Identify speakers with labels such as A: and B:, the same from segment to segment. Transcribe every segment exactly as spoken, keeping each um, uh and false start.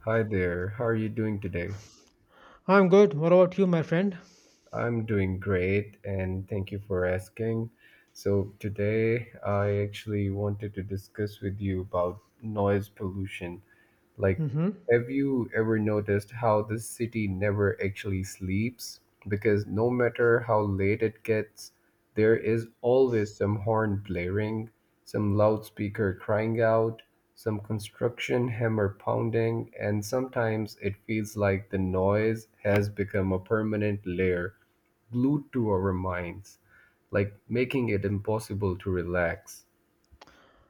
A: Hi there, how are you doing today?
B: I'm good. What about you, my friend?
A: I'm doing great and thank you for asking. So, today I actually wanted to discuss with you about noise pollution. Like,
B: hmm
A: have you ever noticed how this city never actually sleeps? Because no matter how late it gets, there is always some horn blaring, some loudspeaker crying out, some construction hammer pounding, and sometimes it feels like the noise has become a permanent layer glued to our minds, like making it impossible to relax.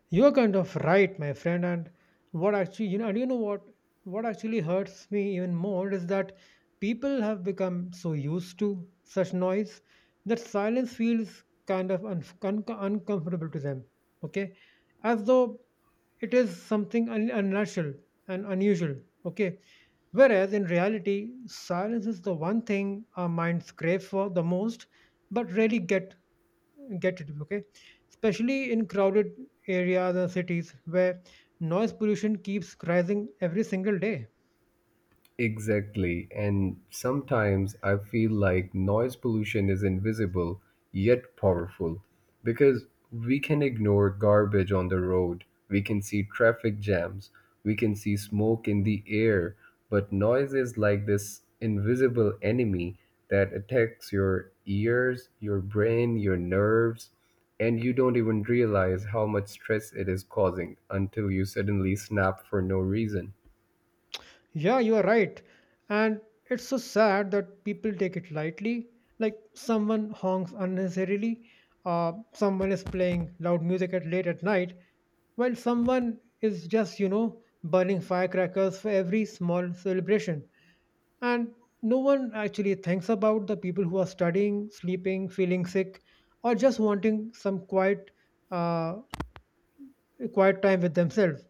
B: You're kind of right, my friend. And what actually, you know, and you know what? What actually hurts me even more is that people have become so used to such noise that silence feels kind of un- un- uncomfortable to them. Okay, as though it is something un- unnatural and unusual. Okay, whereas in reality, silence is the one thing our minds crave for the most, but rarely get get it, okay? Especially in crowded areas and cities where noise pollution keeps rising every single day.
A: Exactly. And sometimes I feel like noise pollution is invisible yet powerful because we can ignore garbage on the road, we can see traffic jams, we can see smoke in the air, but noise is like this invisible enemy that attacks your ears, your brain, your nerves, and you don't even realize how much stress it is causing until you suddenly snap for no reason.
B: Yeah, you are right. And it's so sad that people take it lightly. Like someone honks unnecessarily, uh, someone is playing loud music at late at night, while someone is just, you know, burning firecrackers for every small celebration. And no one actually thinks about the people who are studying, sleeping, feeling sick, or just wanting some quiet uh, quiet time with themselves.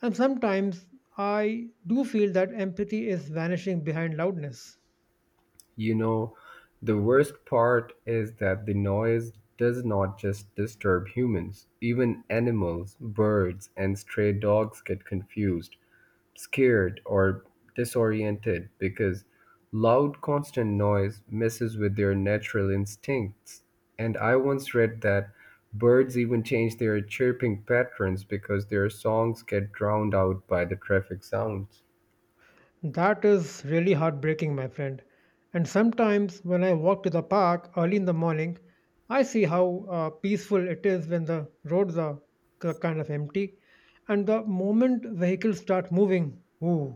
B: And sometimes I do feel that empathy is vanishing behind loudness.
A: You know, the worst part is that the noise does not just disturb humans. Even animals, birds, and stray dogs get confused, scared, or disoriented because loud, constant noise messes with their natural instincts. And I once read that birds even change their chirping patterns because their songs get drowned out by the traffic sounds.
B: That is really heartbreaking, my friend. And sometimes when I walk to the park early in the morning, I see how uh, peaceful it is when the roads are k- kind of empty, and the moment vehicles start moving, ooh,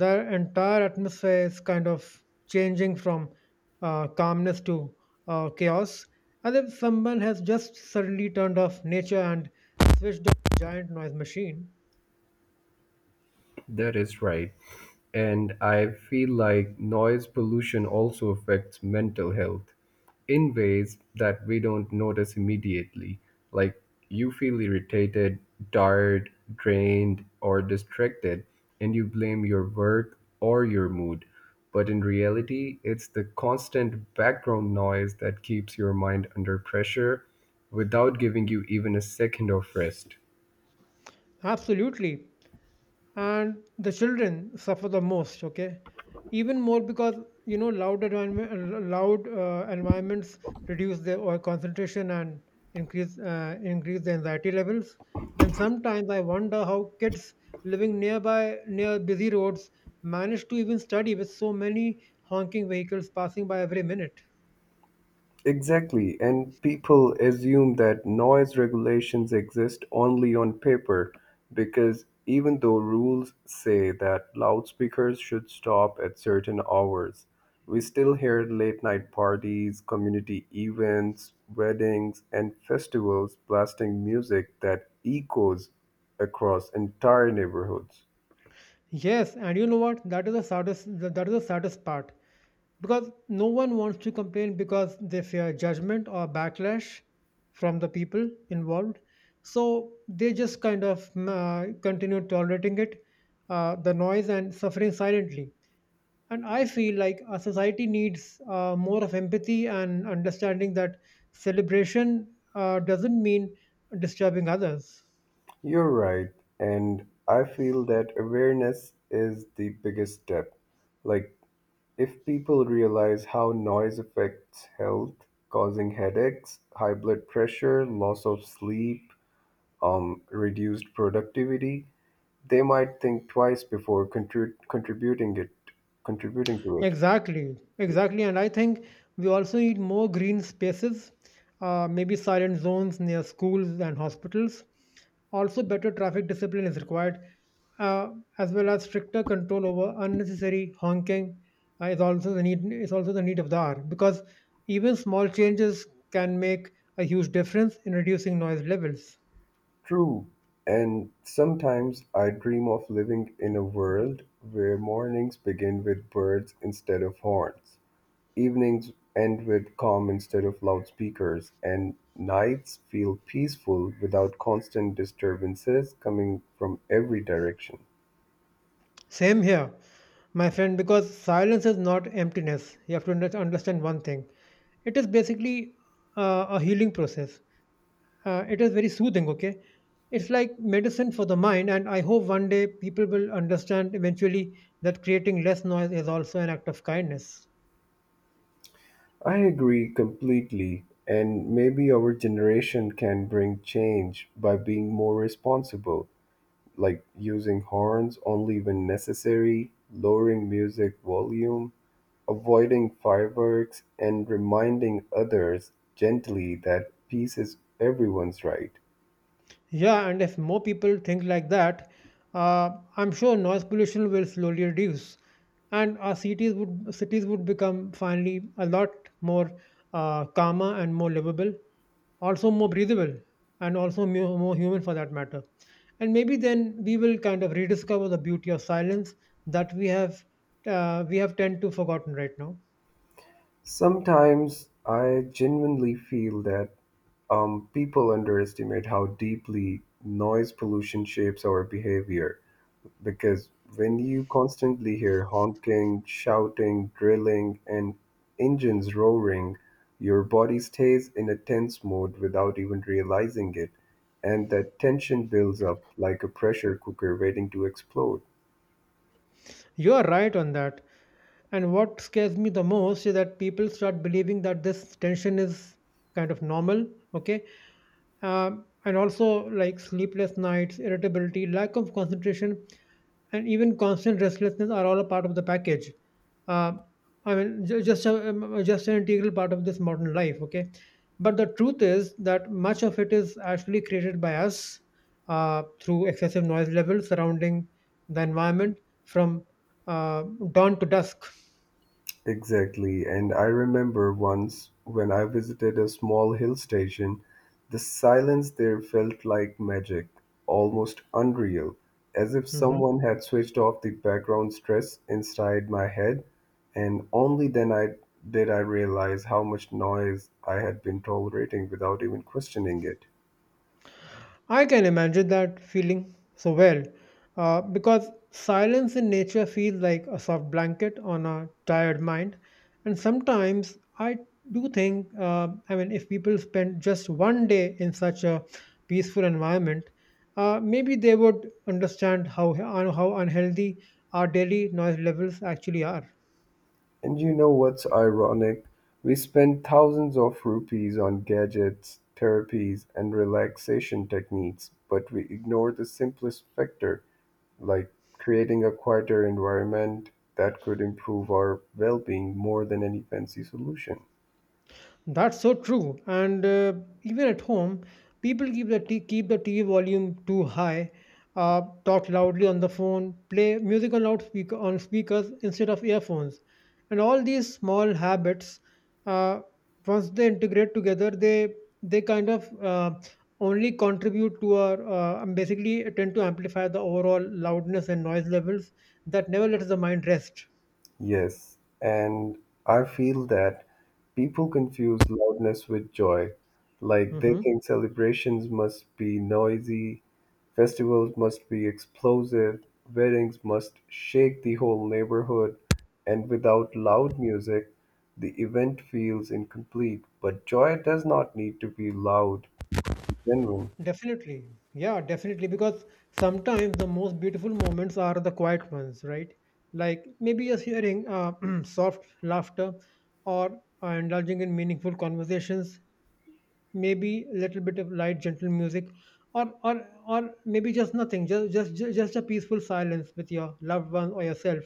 B: their entire atmosphere is kind of changing from uh, calmness to uh, chaos, as if someone has just suddenly turned off nature and switched on a giant noise machine.
A: That is right. And I feel like noise pollution also affects mental health in ways that we don't notice immediately. Like you feel irritated, tired, drained, or distracted, and you blame your work or your mood. But in reality, it's the constant background noise that keeps your mind under pressure without giving you even a second of rest.
B: Absolutely. And the children suffer the most, okay, even more, because you know, loud environment loud uh, environments reduce their oil concentration and increase uh, increase the anxiety levels. And sometimes I wonder how kids living nearby, near busy roads, manage to even study with so many honking vehicles passing by every minute.
A: Exactly, and people assume that noise regulations exist only on paper because even though rules say that loudspeakers should stop at certain hours, we still hear late night parties, community events, weddings, and festivals blasting music that echoes across entire neighborhoods.
B: Yes, and you know what? That is the saddest, that is the saddest part, because no one wants to complain because they fear judgment or backlash from the people involved. So they just kind of uh, continue tolerating it, uh, the noise, and suffering silently. And I feel like a society needs uh, more of empathy and understanding that celebration uh, doesn't mean disturbing others.
A: You're right, and I feel that awareness is the biggest step, like if people realize how noise affects health, causing headaches, high blood pressure, loss of sleep, um, reduced productivity, they might think twice before contri- contributing it contributing to it.
B: Exactly, exactly. And I think we also need more green spaces, uh, maybe silent zones near schools and hospitals. Also, better traffic discipline is required, uh, as well as stricter control over unnecessary honking uh, is also the need is also the need of the hour, because even small changes can make a huge difference in reducing noise levels.
A: True. And sometimes I dream of living in a world where mornings begin with birds instead of horns, evenings end with calm instead of loudspeakers, and nights feel peaceful without constant disturbances coming from every direction.
B: Same here, my friend, because silence is not emptiness. You have to under- understand one thing. It is basically uh, a healing process. Uh, it is very soothing, okay? It's like medicine for the mind, and I hope one day people will understand eventually that creating less noise is also an act of kindness.
A: I agree completely, and maybe our generation can bring change by being more responsible, like using horns only when necessary, lowering music volume, avoiding fireworks, and reminding others gently that peace is everyone's right.
B: Yeah, and if more people think like that, uh, I'm sure noise pollution will slowly reduce, and our cities would cities would become finally a lot more uh, calmer and more livable, also more breathable, and also mu- more human for that matter. And maybe then we will kind of rediscover the beauty of silence that we have uh, we have tend to forgotten right now.
A: Sometimes I genuinely feel that um, people underestimate how deeply noise pollution shapes our behavior because when you constantly hear honking, shouting, drilling, and engines roaring, your body stays in a tense mode without even realizing it, and that tension builds up like a pressure cooker waiting to explode.
B: You are right on that. And what scares me the most is that people start believing that this tension is kind of normal, okay? Um, and also like sleepless nights, irritability, lack of concentration, and even constant restlessness are all a part of the package. Um I mean, ju- just a, um, just an integral part of this modern life. Okay, but the truth is that much of it is actually created by us uh, through excessive noise levels surrounding the environment from uh, dawn to dusk.
A: Exactly. And I remember once when I visited a small hill station, the silence there felt like magic, almost unreal, as if
B: Mhm.
A: someone had switched off the background stress inside my head. And only then I did I realize how much noise I had been tolerating without even questioning it.
B: I can imagine that feeling so well, uh, because silence in nature feels like a soft blanket on a tired mind. And sometimes I do think, uh, I mean, if people spend just one day in such a peaceful environment, uh, maybe they would understand how, how unhealthy our daily noise levels actually are.
A: And you know what's ironic? We spend thousands of rupees on gadgets, therapies, and relaxation techniques, but we ignore the simplest factor, like creating a quieter environment that could improve our well being more than any fancy solution.
B: That's so true. And uh, even at home, people keep the t- keep the T V volume too high, uh, talk loudly on the phone, play music on loudspeaker on speakers instead of earphones, and all these small habits, uh, once they integrate together, they they kind of uh, only contribute to our uh, um, basically tend to amplify the overall loudness and noise levels that never lets the mind rest.
A: Yes, and I feel that people confuse loudness with joy. Like they
B: hmm
A: think celebrations must be noisy, festivals must be explosive, weddings must shake the whole neighborhood, and without loud music, the event feels incomplete. But joy does not need to be loud, to genuine.
B: Definitely. Yeah, definitely. Because sometimes the most beautiful moments are the quiet ones, right? Like maybe just hearing uh, soft laughter or uh, indulging in meaningful conversations, maybe a little bit of light, gentle music, or or or maybe just nothing, just just ju- just a peaceful silence with your loved one or yourself.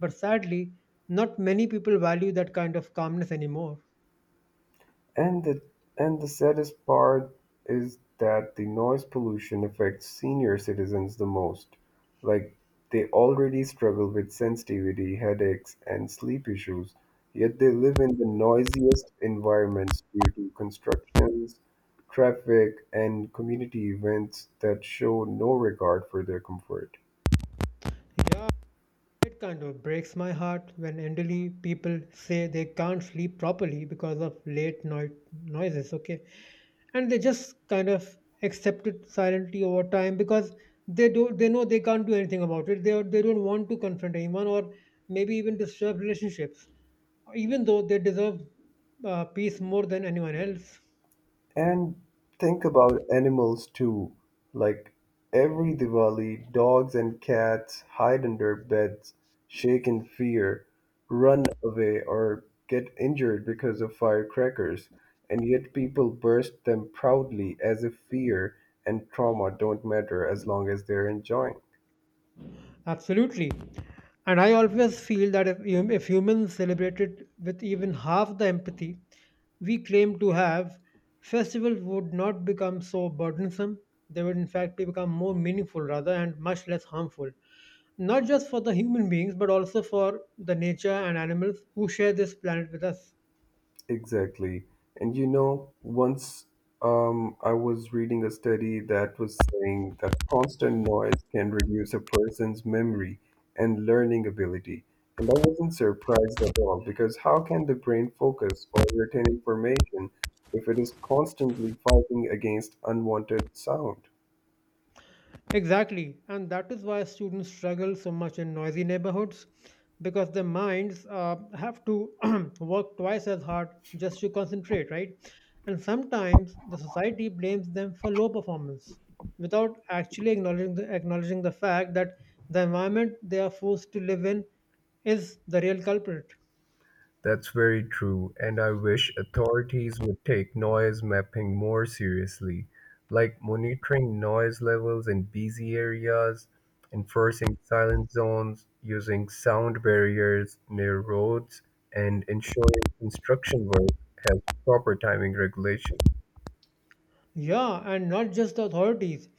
B: But sadly, not many people value that kind of calmness anymore.
A: And the and the saddest part is that the noise pollution affects senior citizens the most. Like they already struggle with sensitivity, headaches, and sleep issues, yet they live in the noisiest environments due to constructions, traffic, and community events that show no regard for their comfort.
B: Yeah, it kind of breaks my heart when elderly people say they can't sleep properly because of late night noises, okay? And they just kind of accept it silently over time, because they do they know they can't do anything about it. They are, they don't want to confront anyone or maybe even disturb relationships, even though they deserve uh, peace more than anyone else.
A: And think about animals too. Like every Diwali, dogs and cats hide under beds, shake in fear, run away, or get injured because of firecrackers. And yet people burst them proudly as if fear and trauma don't matter as long as they're enjoying.
B: Absolutely. And I always feel that if, hum- if humans celebrated with even half the empathy we claim to have, festivals would not become so burdensome. They would, in fact, be- become more meaningful rather, and much less harmful. Not just for the human beings, but also for the nature and animals who share this planet with us.
A: Exactly. And you know, once um, I was reading a study that was saying that constant noise can reduce a person's memory and learning ability. And I wasn't surprised at all because how can the brain focus or retain information if it is constantly fighting against unwanted sound?
B: Exactly, and that is why students struggle so much in noisy neighborhoods because their minds uh, have to work twice as hard just to concentrate, right? And sometimes the society blames them for low performance without actually acknowledging the, acknowledging the fact that the environment they are forced to live in is the real culprit.
A: That's very true, and I wish authorities would take noise mapping more seriously, like monitoring noise levels in busy areas, enforcing silent zones, using sound barriers near roads, and ensuring construction work has proper timing regulation.
B: Yeah, and not just the authorities.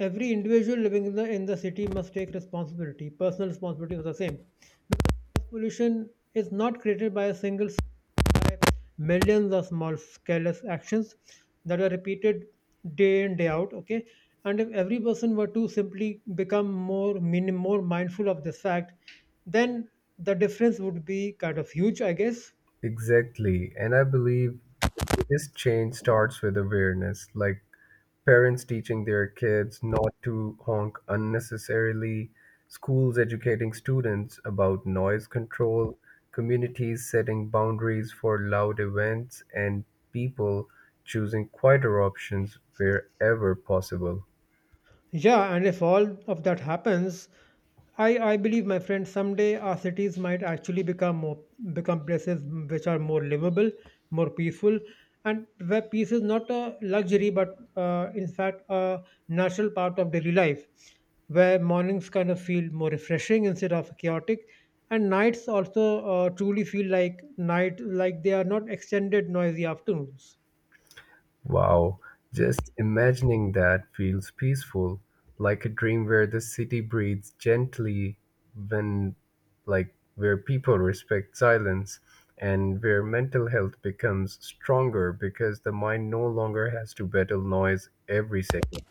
B: Every individual living in the in the city must take responsibility, personal responsibility for the same. Pollution is not created by a single sky, millions of small careless actions that are repeated day in day out, okay. And if every person were to simply become more mean, more mindful of this fact, then the difference would be kind of huge, I guess.
A: Exactly, and I believe the biggest change starts with awareness, like parents teaching their kids not to honk unnecessarily, schools educating students about noise control, communities setting boundaries for loud events, and people choosing quieter options wherever possible.
B: Yeah, and if all of that happens, I, I believe, my friend, someday our cities might actually become more become places which are more livable, more peaceful, and where peace is not a luxury, but uh, in fact a natural part of daily life, where mornings kind of feel more refreshing instead of chaotic, and nights also uh, truly feel like night, like they are not extended noisy afternoons.
A: Wow, just imagining that feels peaceful, like a dream where the city breathes gently, when, like, where people respect silence and where mental health becomes stronger because the mind no longer has to battle noise every second.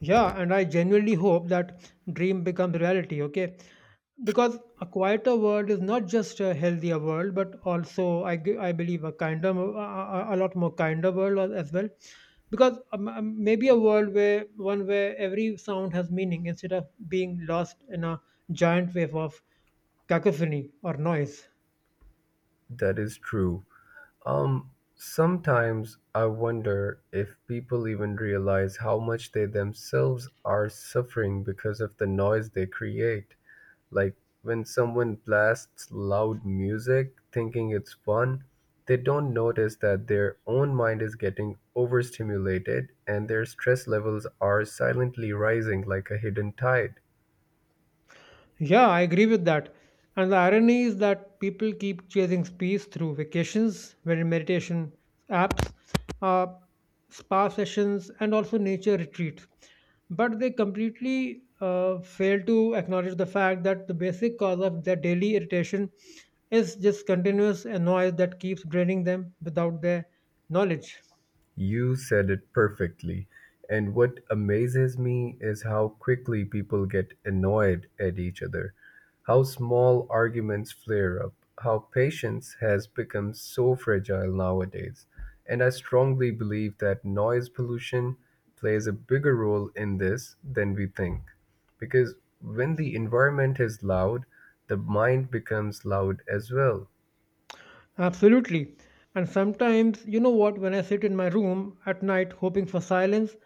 B: Yeah, and I genuinely hope that dream becomes reality, okay? Because a quieter world is not just a healthier world, but also I, g- I believe a kinder, mo- a, a a lot more kinder world al- as well. Because um, um, maybe a world where one where every sound has meaning instead of being lost in a giant wave of cacophony or noise.
A: That is true. Um, sometimes I wonder if people even realize how much they themselves are suffering because of the noise they create. Like when someone blasts loud music thinking it's fun, they don't notice that their own mind is getting overstimulated and their stress levels are silently rising like a hidden tide.
B: Yeah, I agree with that. And the irony is that people keep chasing peace through vacations, when meditation apps, uh, spa sessions, and also nature retreats. But they completely uh, fail to acknowledge the fact that the basic cause of their daily irritation is just continuous noise that keeps draining them without their knowledge.
A: You said it perfectly. And what amazes me is how quickly people get annoyed at each other, how small arguments flare up, how patience has become so fragile nowadays. And I strongly believe that noise pollution plays a bigger role in this than we think. Because when the environment is loud, the mind becomes loud as well.
B: Absolutely. And sometimes, you know what, when I sit in my room at night hoping for silence,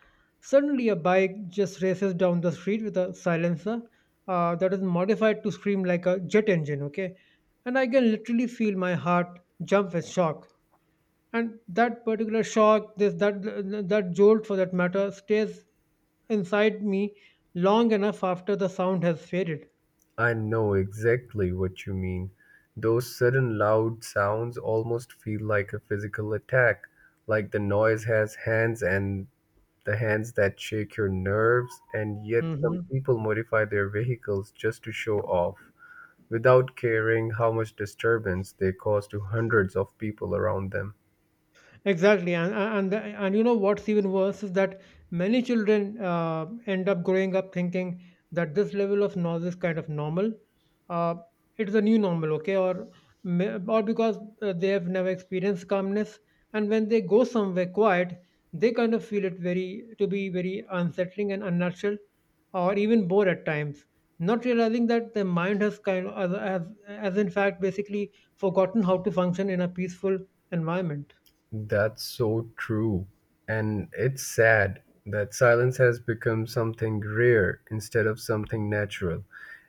B: suddenly a bike just races down the street with a silencer uh, that is modified to scream like a jet engine, okay? And I can literally feel my heart jump with shock. And that particular shock, this that that jolt for that matter, stays inside me long enough after the sound has faded.
A: I know exactly what you mean. Those sudden loud sounds almost feel like a physical attack, like the noise has hands and the hands that shake your nerves, and yet some
B: hmm
A: people modify their vehicles just to show off, without caring how much disturbance they cause to hundreds of people around them.
B: Exactly, and and and you know what's even worse is that many children uh, end up growing up thinking that this level of noise is kind of normal. Uh, it's a new normal, okay, or may- or because uh, they have never experienced calmness, and when they go somewhere quiet, they kind of feel it very to be very unsettling and unnatural, or even bored at times. Not realizing that their mind has kind of has, has in fact basically forgotten how to function in a peaceful environment.
A: That's so true. And it's sad that silence has become something rare instead of something natural.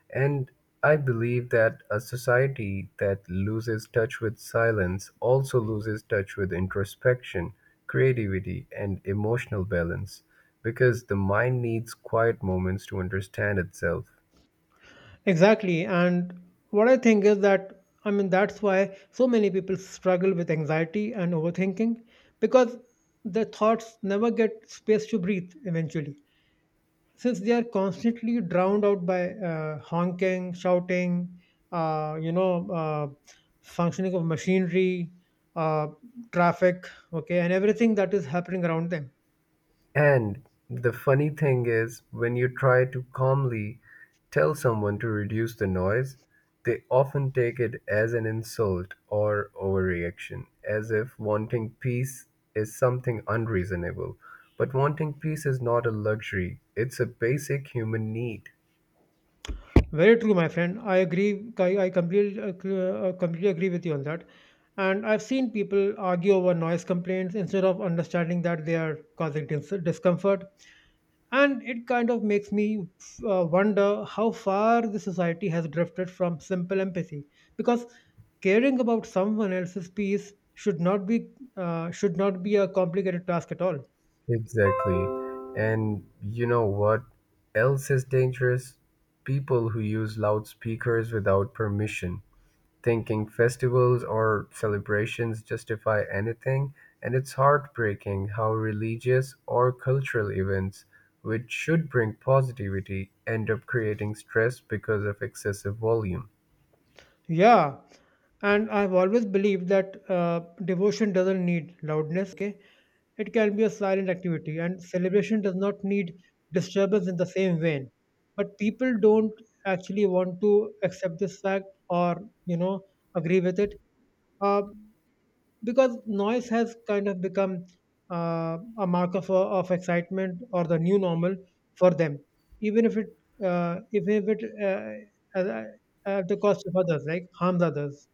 A: And I believe that a society that loses touch with silence also loses touch with introspection, creativity, and emotional balance because the mind needs quiet moments to understand itself.
B: Exactly. And what I think is that, I mean, that's why so many people struggle with anxiety and overthinking, because the thoughts never get space to breathe eventually. Since they are constantly drowned out by uh, honking, shouting, uh, you know, uh, functioning of machinery, uh, traffic, okay, and everything that is happening around them.
A: And the funny thing is, when you try to calmly tell someone to reduce the noise, they often take it as an insult or overreaction, as if wanting peace is something unreasonable. But wanting peace is not a luxury, it's a basic human need.
B: Very true, my friend. I agree. I, I completely, uh, completely agree with you on that. And I've seen people argue over noise complaints instead of understanding that they are causing dis- discomfort. And it kind of makes me uh, wonder how far the society has drifted from simple empathy. Because caring about someone else's peace should not be uh, should not be a complicated task at all.
A: Exactly. And you know what else is dangerous? People who use loudspeakers without permission thinking festivals or celebrations justify anything, and it's heartbreaking how religious or cultural events, which should bring positivity, end up creating stress because of excessive volume.
B: Yeah, and I've always believed that uh, devotion doesn't need loudness. Okay, it can be a silent activity, and celebration does not need disturbance in the same vein. But people don't actually want to accept this fact or you know agree with it uh, because noise has kind of become uh, a marker for, of excitement or the new normal for them, even if it uh, even if it uh, at, at the cost of others, like harms others.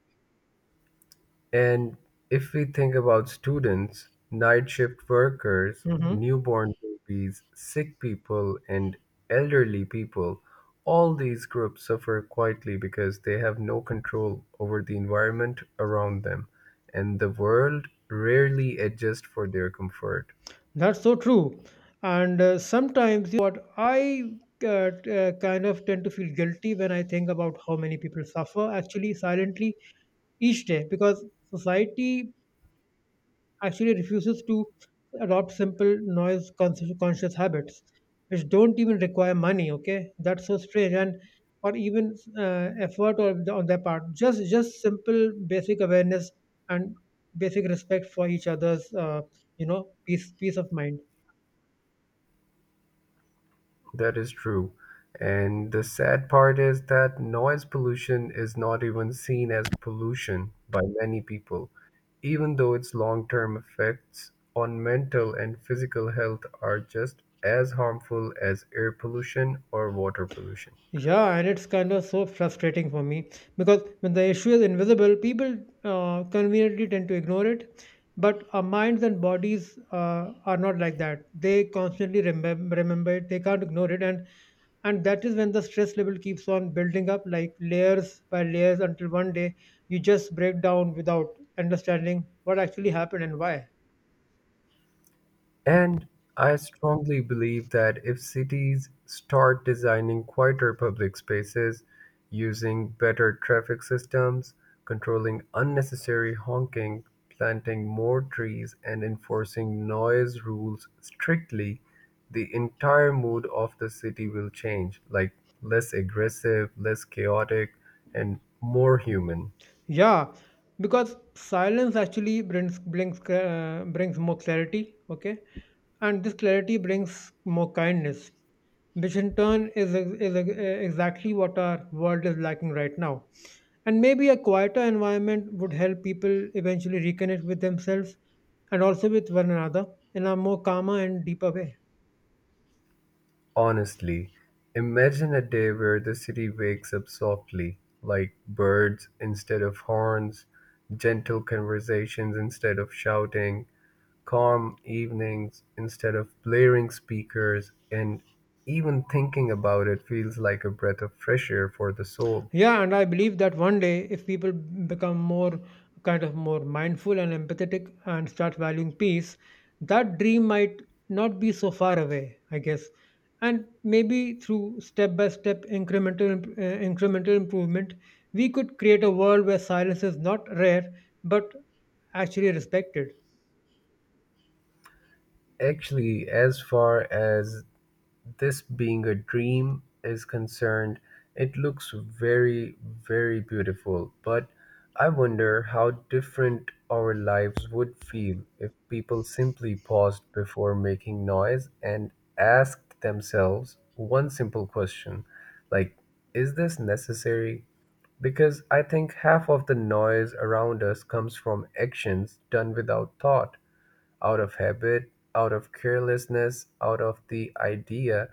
A: And if we think about students, night shift workers,
B: Mhm.
A: newborn babies, sick people, and elderly people, all these groups suffer quietly because they have no control over the environment around them, and the world rarely adjusts for their comfort.
B: That's so true. And uh, sometimes, you know what, I uh, t- uh, kind of tend to feel guilty when I think about how many people suffer actually silently each day because society actually refuses to adopt simple noise conscious, conscious habits which don't even require money. Okay, that's so strange. And or even uh, effort or the, on their part, just just simple basic awareness and basic respect for each other's, uh, you know peace, peace of mind.
A: That is true. And the sad part is that noise pollution is not even seen as pollution by many people, even though its long term effects on mental and physical health are just as harmful as air pollution or water pollution.
B: Yeah, and it's kind of so frustrating for me because when the issue is invisible, people uh, conveniently tend to ignore it. But our minds and bodies uh, are not like that. They constantly remember, remember it. They can't ignore it, and and that is when the stress level keeps on building up, like layers by layers, until one day you just break down without understanding what actually happened and why.
A: And I strongly believe that if cities start designing quieter public spaces, using better traffic systems, controlling unnecessary honking, planting more trees, and enforcing noise rules strictly, the entire mood of the city will change, like less aggressive, less chaotic, and more human.
B: Yeah, because silence actually brings, brings uh, brings more clarity, okay, and this clarity brings more kindness, which in turn is is uh, exactly what our world is lacking right now. And maybe a quieter environment would help people eventually reconnect with themselves and also with one another in a more calmer and deeper way.
A: Honestly, imagine a day where the city wakes up softly, like birds instead of horns, gentle conversations instead of shouting, calm evenings instead of blaring speakers, and even thinking about it feels like a breath of fresh air for the soul.
B: Yeah, and I believe that one day, if people become more kind of more mindful and empathetic and start valuing peace, that dream might not be so far away, I guess. And maybe through step by step incremental imp- uh, incremental improvement, we could create a world where silence is not rare but actually respected.
A: Actually, as far as this being a dream is concerned, it looks very, very beautiful. But I wonder how different our lives would feel if people simply paused before making noise and asked themselves one simple question, like, is this necessary? Because I think half of the noise around us comes from actions done without thought, out of habit, out of carelessness, out of the idea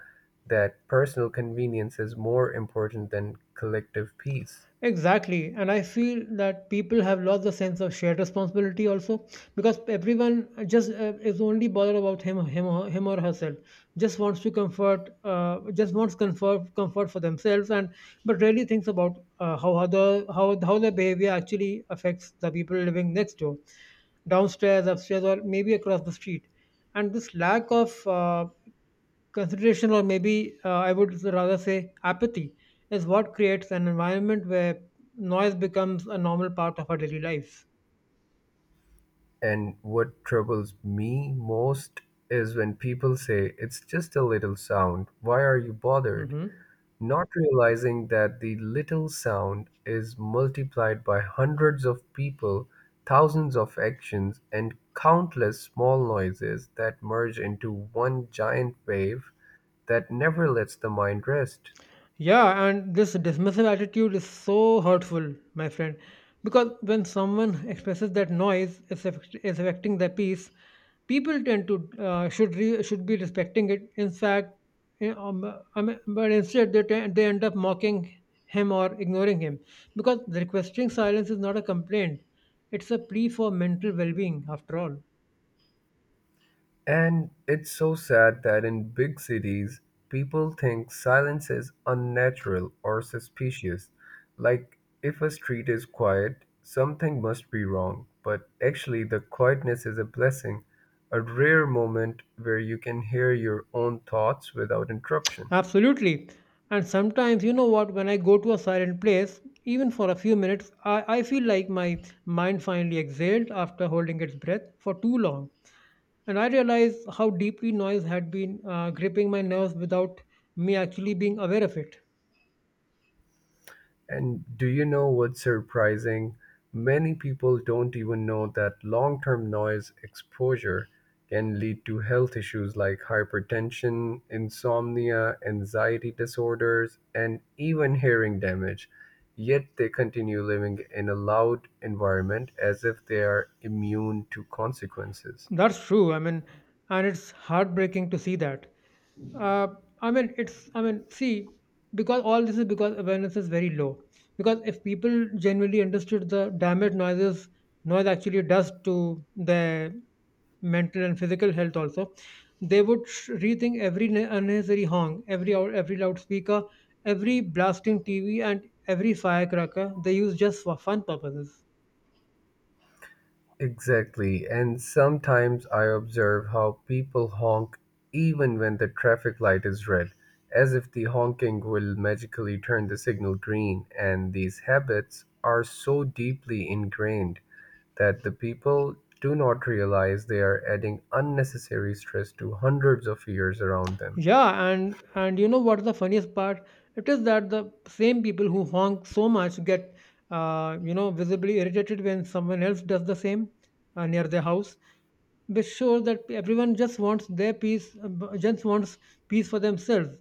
A: that personal convenience is more important than collective peace.
B: Exactly. And I feel that people have lost the sense of shared responsibility also because everyone just uh, is only bothered about him, him, or- him or herself. Just wants to comfort, uh, just wants comfort, comfort for themselves, and but really thinks about uh, how other how how their behavior actually affects the people living next door, downstairs, upstairs, or maybe across the street. And this lack of uh, consideration, or maybe uh, I would rather say apathy, is what creates an environment where noise becomes a normal part of our daily lives.
A: And what troubles me most is when people say, "It's just a little sound, why are you bothered?"
B: Hmm.
A: not realizing that the little sound is multiplied by hundreds of people, thousands of actions, and countless small noises that merge into one giant wave that never lets the mind rest.
B: Yeah, and this dismissive attitude is so hurtful, my friend, because when someone expresses that noise is, affect- is affecting their peace, people tend to uh, should re- should be respecting it. In fact, you know, um, I mean, but instead they te- they end up mocking him or ignoring him because requesting silence is not a complaint; it's a plea for mental well-being, after all.
A: And it's so sad that in big cities, people think silence is unnatural or suspicious. Like, if a street is quiet, something must be wrong. But actually, the quietness is a blessing, a rare moment where you can hear your own thoughts without interruption.
B: Absolutely. And sometimes, you know what, when I go to a silent place, even for a few minutes, I, I feel like my mind finally exhaled after holding its breath for too long. And I realized how deeply noise had been uh, gripping my nerves without me actually being aware of it.
A: And do you know what's surprising? Many people don't even know that long term noise exposure can lead to health issues like hypertension, insomnia, anxiety disorders, and even hearing damage. Yet they continue living in a loud environment as if they are immune to consequences.
B: That's true. I mean, and it's heartbreaking to see that. Uh, I mean, it's, I mean, See, because all this is because awareness is very low. Because if people genuinely understood the damage noises, noise actually does to their mental and physical health also, they would sh- rethink every ne- unnecessary honk, every hour, every loudspeaker, every blasting T V, and every firecracker they use just for fun purposes.
A: Exactly, and sometimes I observe how people honk even when the traffic light is red, as if the honking will magically turn the signal green, and these habits are so deeply ingrained that the people do not realize they are adding unnecessary stress to hundreds of years around them.
B: Yeah, and and you know what's the funniest part? It is that the same people who honk so much get, uh, you know, visibly irritated when someone else does the same uh, near their house, which shows that everyone just wants their peace, uh, b- just wants peace for themselves,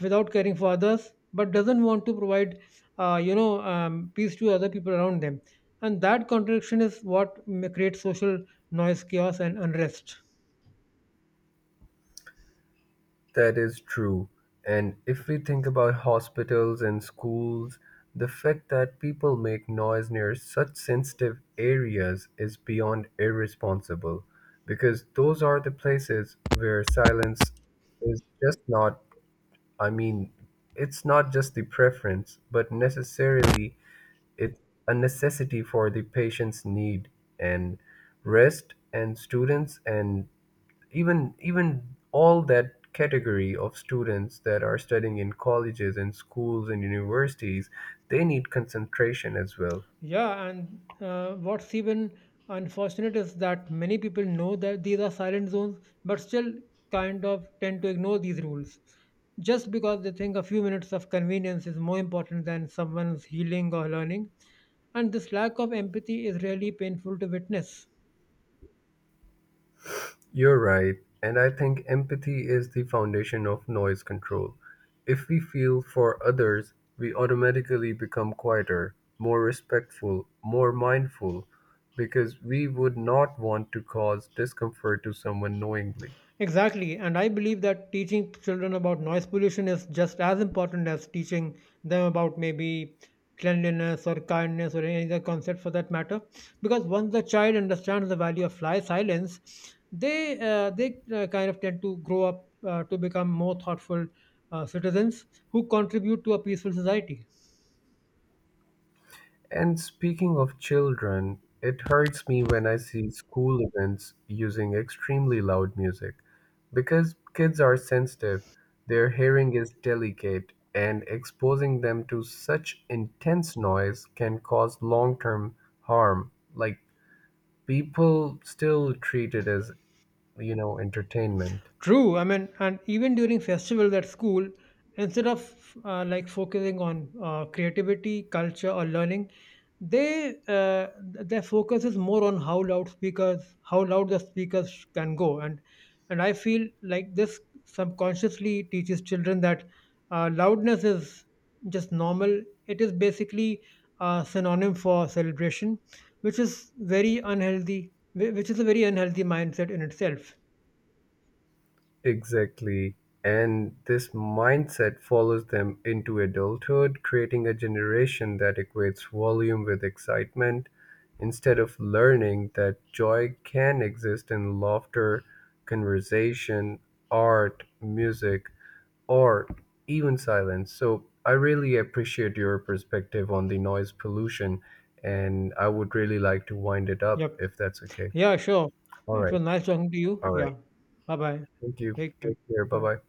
B: without caring for others, but doesn't want to provide uh, you know, um, peace to other people around them, and that contradiction is what ma- creates social noise, chaos, and unrest.
A: That is true. And if we think about hospitals and schools, the fact that people make noise near such sensitive areas is beyond irresponsible because those are the places where silence is just not, I mean, it's not just the preference, but necessarily it's a necessity for the patient's need and rest, and students, and even even all that category of students that are studying in colleges and schools and universities, they need concentration as well.
B: Yeah, and uh, what's even unfortunate is that many people know that these are silent zones, but still kind of tend to ignore these rules just because they think a few minutes of convenience is more important than someone's healing or learning. And this lack of empathy is really painful to witness.
A: You're right, and I think empathy is the foundation of noise control. If we feel for others, we automatically become quieter, more respectful, more mindful, because we would not want to cause discomfort to someone knowingly.
B: Exactly, and I believe that teaching children about noise pollution is just as important as teaching them about maybe cleanliness or kindness or any other concept for that matter. Because once the child understands the value of fly silence, they uh, they uh, kind of tend to grow up uh, to become more thoughtful uh, citizens who contribute to a peaceful society.
A: And speaking of children, it hurts me when I see school events using extremely loud music because kids are sensitive, their hearing is delicate, and exposing them to such intense noise can cause long term harm. Like, people still treat it as, you know, entertainment.
B: True. I mean, and even during festivals at school, instead of uh, like focusing on uh, creativity, culture, or learning, they uh, th- their focus is more on how loudspeakers, how loud the speakers can go, and and I feel like this subconsciously teaches children that uh, loudness is just normal. It is basically a synonym for celebration, which is very unhealthy, whi- which is a very unhealthy mindset in itself.
A: Exactly. And this mindset follows them into adulthood, creating a generation that equates volume with excitement instead of learning that joy can exist in laughter, conversation, art, music, or even silence. So I really appreciate your perspective on the noise pollution, and I would really like to wind it up
B: Yep.
A: if that's okay.
B: Yeah, sure.
A: All
B: It was
A: right.
B: nice talking to you.
A: All right.
B: Yeah. Bye bye.
A: Thank you.
B: Take care.
A: Take care. Bye
B: Bye.
A: bye.